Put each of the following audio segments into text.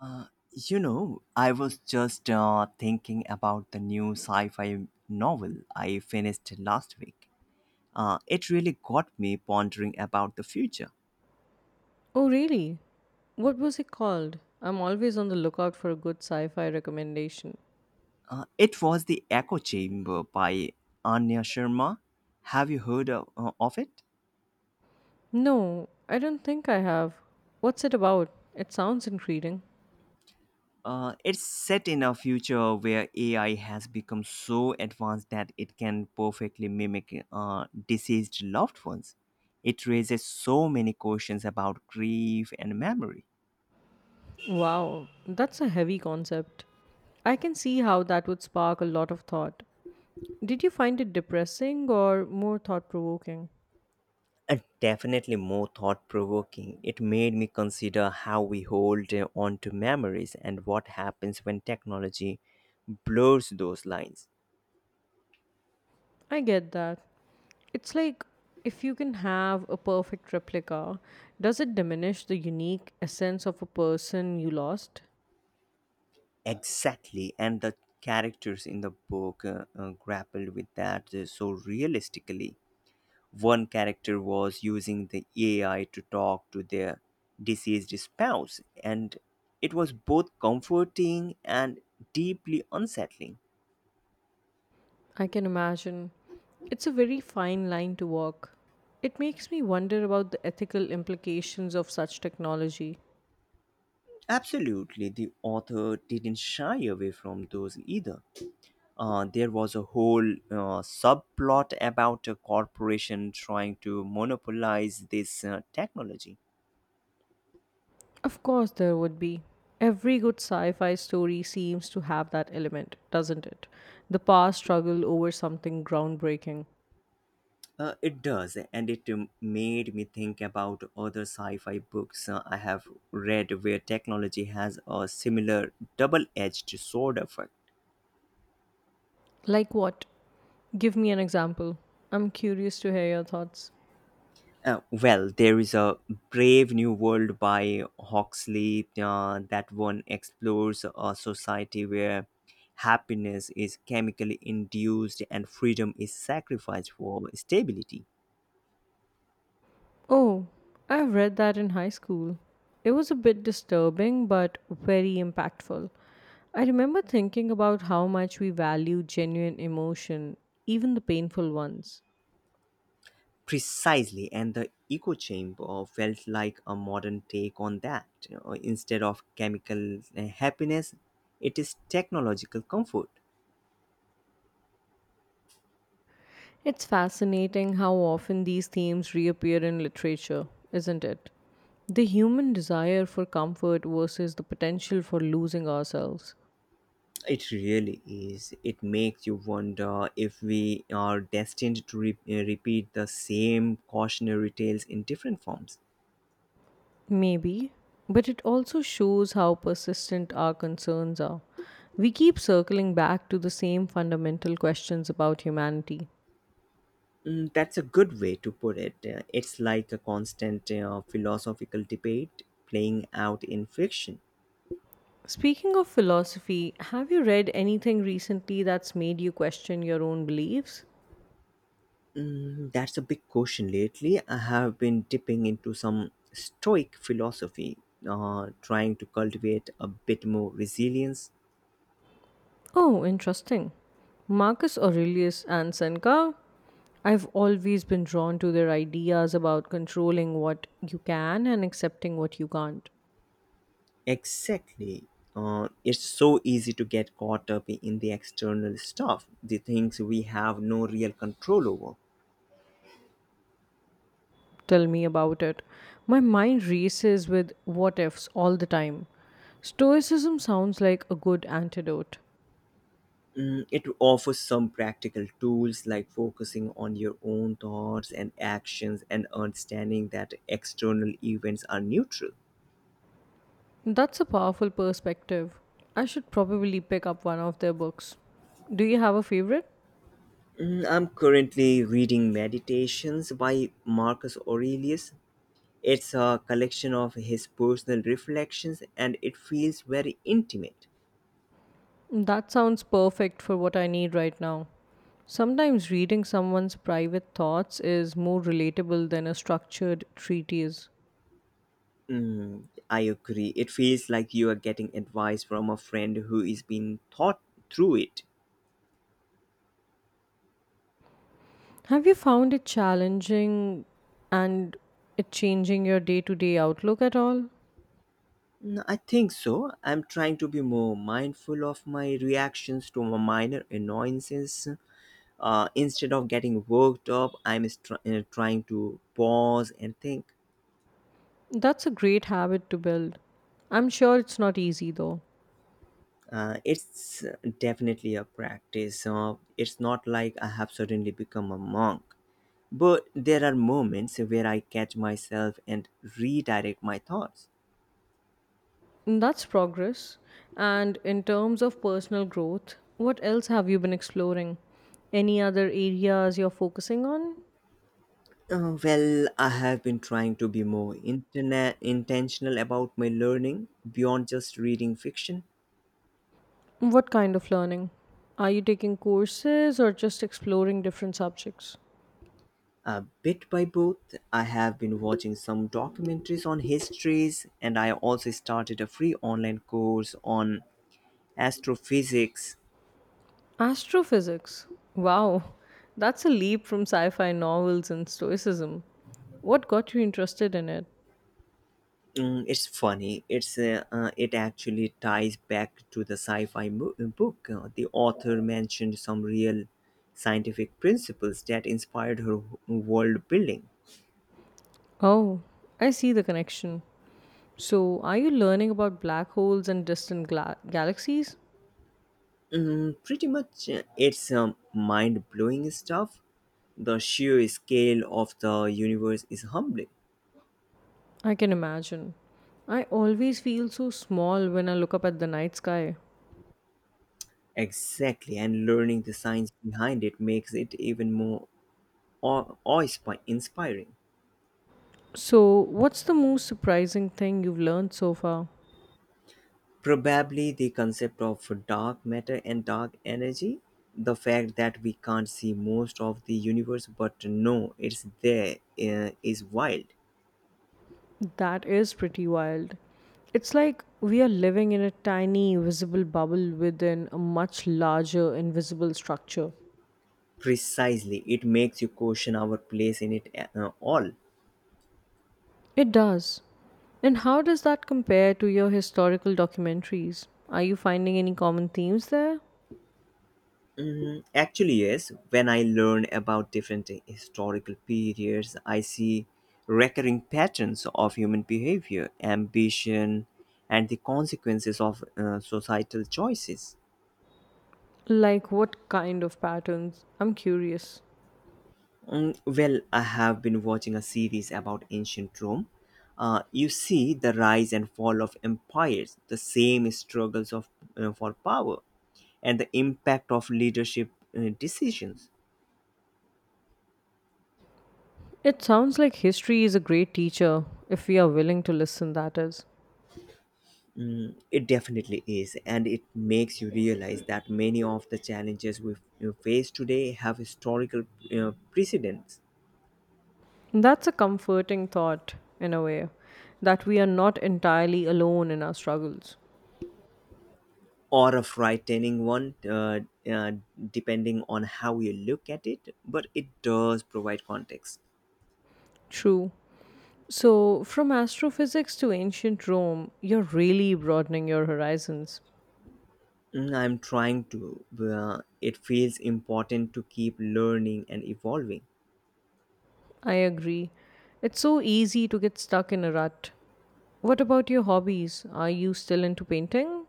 Uh, I was just thinking about the new sci fi novel I finished last week. It really got me pondering about the future. Oh, really? What was it called? I'm always on the lookout for a good sci fi recommendation. It was The Echo Chamber by Anya Sharma. Have you heard of it? No, I don't think I have. What's it about? It sounds intriguing. It's set in a future where AI has become so advanced that it can perfectly mimic deceased loved ones. It raises so many questions about grief and memory. Wow, that's a heavy concept. I can see how that would spark a lot of thought. Did you find it depressing or more thought provoking? Definitely more thought provoking. It made me consider how we hold on to memories and what happens when technology blurs those lines. I get that. It's like if you can have a perfect replica, does it diminish the unique essence of a person you lost? Exactly, and the characters in the book grappled with that so realistically. One character was using the AI to talk to their deceased spouse, and it was both comforting and deeply unsettling. I can imagine. It's a very fine line to walk. It makes me wonder about the ethical implications of such technology. Absolutely, the author didn't shy away from those either. There was a whole subplot about a corporation trying to monopolize this technology. Of course, there would be. Every good sci fi story seems to have that element, doesn't it? The past struggle over something groundbreaking. It does, and it made me think about other sci fi books I have read where technology has a similar double edged sword effect. Like what? Give me an example. I'm curious to hear your thoughts. Well, there is a Brave New World by Huxley, that one explores a society where happiness is chemically induced and freedom is sacrificed for stability. Oh, I've read that in high school. It was a bit disturbing but very impactful. I remember thinking about how much we value genuine emotion, even the painful ones. Precisely, and the echo chamber felt like a modern take on that. You know, instead of chemical happiness, it is technological comfort. It's fascinating how often these themes reappear in literature, isn't it? The human desire for comfort versus the potential for losing ourselves. It really is. It makes you wonder if we are destined to repeat the same cautionary tales in different forms. Maybe, but it also shows how persistent our concerns are. We keep circling back to the same fundamental questions about humanity. Mm, that's a good way to put it. It's like a constant philosophical debate playing out in fiction. Speaking of philosophy, have you read anything recently that's made you question your own beliefs? Mm, that's a big question lately. I have been dipping into some Stoic philosophy, trying to cultivate a bit more resilience. Oh, interesting. Marcus Aurelius and Seneca? I've always been drawn to their ideas about controlling what you can and accepting what you can't. Exactly. It's so easy to get caught up in the external stuff, the things we have no real control over. Tell me about it. My mind races with what ifs all the time. Stoicism sounds like a good antidote. Mm, it offers some practical tools like focusing on your own thoughts and actions and understanding that external events are neutral. That's a powerful perspective. I should probably pick up one of their books. Do you have a favorite? Mm, I'm currently reading Meditations by Marcus Aurelius. It's a collection of his personal reflections and it feels very intimate. That sounds perfect for what I need right now. Sometimes reading someone's private thoughts is more relatable than a structured treatise. Mm, I agree. It feels like you are getting advice from a friend who is been thought through it. Have you found it challenging and it changing your day to day outlook at all? Mm, I think so. I'm trying to be more mindful of my reactions to my minor annoyances. Instead of getting worked up, I'm trying to pause and think. That's a great habit to build. I'm sure it's not easy though. It's definitely a practice. It's not like I have suddenly become a monk. But there are moments where I catch myself and redirect my thoughts. That's progress. And in terms of personal growth, what else have you been exploring? Any other areas you're focusing on? Well, I have been trying to be more internet intentional about my learning beyond just reading fiction. What kind of learning? Are you taking courses or just exploring different subjects? Bit by both, I have been watching some documentaries on histories, and I also started a free online course on astrophysics. Astrophysics. Wow, that's a leap from sci fi novels and stoicism. What got you interested in it? Mm, it's funny. It actually ties back to the sci-fi book. The author mentioned some real scientific principles that inspired her world building. Oh, I see the connection. So, are you learning about black holes and distant gla- galaxies? Mm, pretty much, it's mind-blowing stuff. The sheer scale of the universe is humbling. I can imagine. I always feel so small when I look up at the night sky. Exactly, and learning the science behind it makes it even more awe- inspiring So, what's the most surprising thing you've learned so far? probably the concept of dark matter and dark energy. The fact that we can't see most of the universe but know it's there is wild. That is pretty wild. It's like we are living in a tiny, visible bubble within a much larger, invisible structure. Precisely, it makes you question our place in it all. It does. And how does that compare to your historical documentaries? Are you finding any common themes there? Mm, actually, yes. When I learn about different historical periods, I see recurring patterns of human behavior, ambition, and the consequences of societal choices. Like what kind of patterns? I'm curious. Mm, well, I have been watching a series about ancient Rome. You see the rise and fall of empires, the same struggles of for power, and the impact of leadership decisions. It sounds like history is a great teacher if we are willing to listen, that is. Mm, it definitely is, and it makes you realize that many of the challenges face today have historical precedents. That's a comforting thought, in a way, that we are not entirely alone in our struggles. Or a frightening one, uh, depending on how you look at it. But it does provide context. True. So, from astrophysics to ancient Rome, you're really broadening your horizons. Mm, I'm trying to. It feels important to keep learning and evolving. I agree. It's so easy to get stuck in a rut. What about your hobbies? Are you still into painting?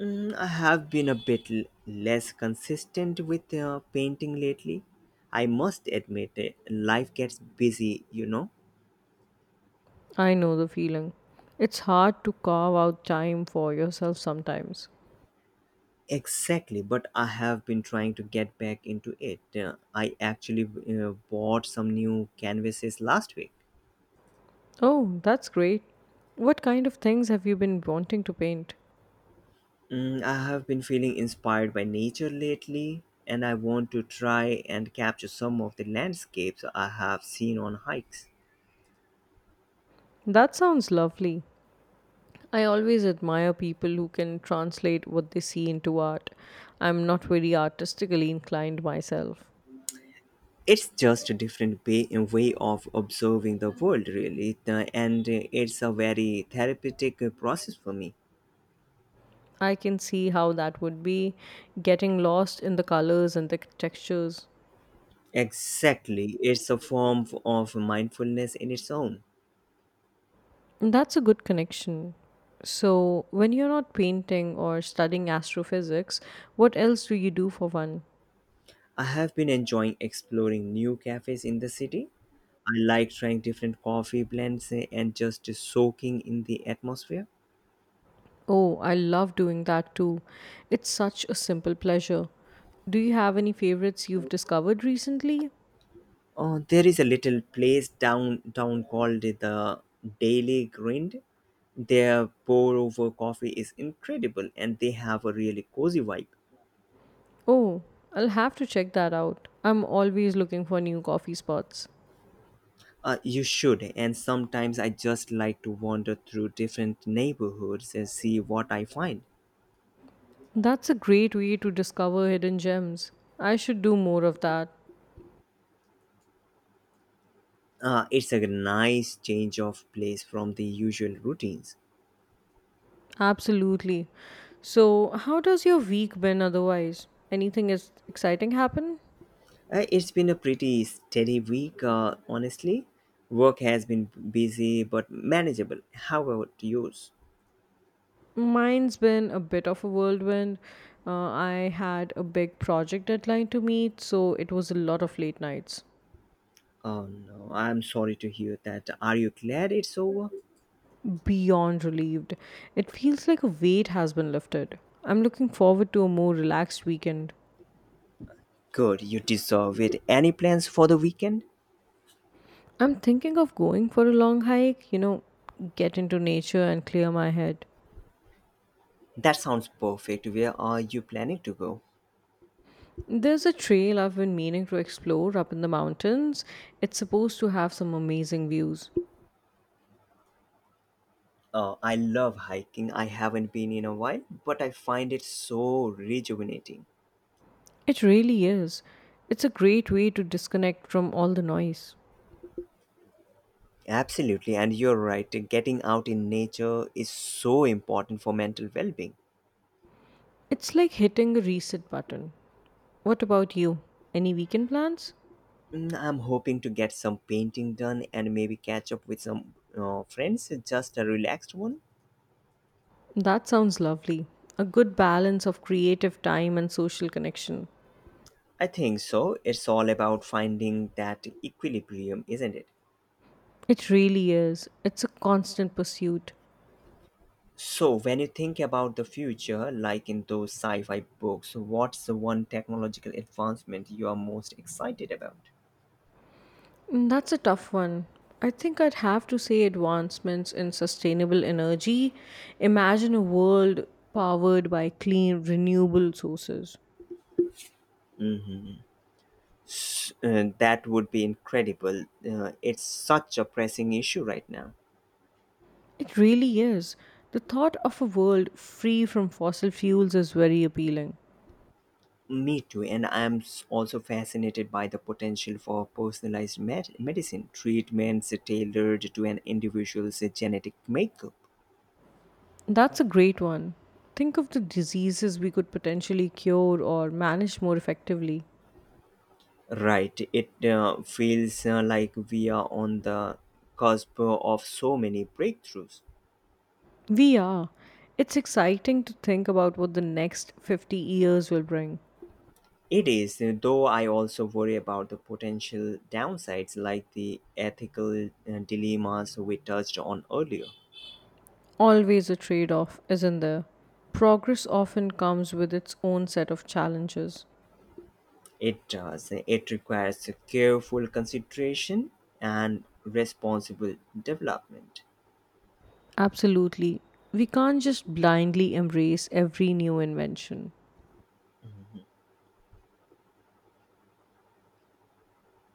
Mm, I have been a bit less consistent with painting lately. I must admit, eh, life gets busy, you know. I know the feeling. It's hard to carve out time for yourself sometimes. Exactly, but I have been trying to get back into it. I actually bought some new canvases last week. Oh, that's great. What kind of things have you been wanting to paint? Mm, I have been feeling inspired by nature lately, and I want to try and capture some of the landscapes I have seen on hikes. That sounds lovely. I always admire people who can translate what they see into art. I'm not very artistically inclined myself. It's just a different way of observing the world, really. And it's a very therapeutic process for me. I can see how that would be, getting lost in the colors and the textures. Exactly, it's a form of mindfulness in its own. That's a good connection. So, when you're not painting or studying astrophysics, what else do you do for fun? I have been enjoying exploring new cafes in the city. I like trying different coffee blends and just soaking in the atmosphere. Oh, I love doing that too. It's such a simple pleasure. Do you have any favorites you've discovered recently? Oh, there is a little place downtown called the Daily Grind. Their pour over coffee is incredible and they have a really cozy vibe. Oh, I'll have to check that out. I'm always looking for new coffee spots. You should, and sometimes I just like to wander through different neighborhoods and see what I find. That's a great way to discover hidden gems. I should do more of that. It's a nice change of place from the usual routines. Absolutely. So, how does your week been otherwise? Anything is exciting happen? It's been a pretty steady week, honestly. Work has been busy but manageable. How about yours? Mine's been a bit of a whirlwind. I had a big project deadline to meet, so it was a lot of late nights. Oh no, I'm sorry to hear that. Are you glad it's over? Beyond relieved. It feels like a weight has been lifted. I'm looking forward to a more relaxed weekend. Good, you deserve it. Any plans for the weekend? I'm thinking of going for a long hike, you know, get into nature and clear my head. That sounds perfect. Where are you planning to go? There's a trail I've been meaning to explore up in the mountains. It's supposed to have some amazing views. Oh, I love hiking. I haven't been in a while, but I find it so rejuvenating. It really is. It's a great way to disconnect from all the noise. Absolutely, and you're right. Getting out in nature is so important for mental well being. It's like hitting a reset button. What about you? Any weekend plans? I'm hoping to get some painting done and maybe catch up with some friends, just a relaxed one. That sounds lovely. A good balance of creative time and social connection. I think so. It's all about finding that equilibrium, isn't it? It really is. It's a constant pursuit. So, when you think about the future, like in those sci fi books, what's the one technological advancement you are most excited about? Mm, that's a tough one. I think I'd have to say advancements in sustainable energy. Imagine a world powered by clean, renewable sources. Mhm. That would be incredible. It's such a pressing issue right now. It really is. The thought of a world free from fossil fuels is very appealing. Me too, and I'm also fascinated by the potential for personalized medicine treatments tailored to an individual's genetic makeup. That's a great one. Think of the diseases we could potentially cure or manage more effectively. Right. It feels like we are on the cusp of so many breakthroughs. We are. It's exciting to think about what the next 50 years will bring. It is, though I also worry about the potential downsides like the ethical dilemmas we touched on earlier. Always a trade off, isn't there? Progress often comes with its own set of challenges. It does. It requires careful consideration and responsible development. Absolutely. We can't just blindly embrace every new invention.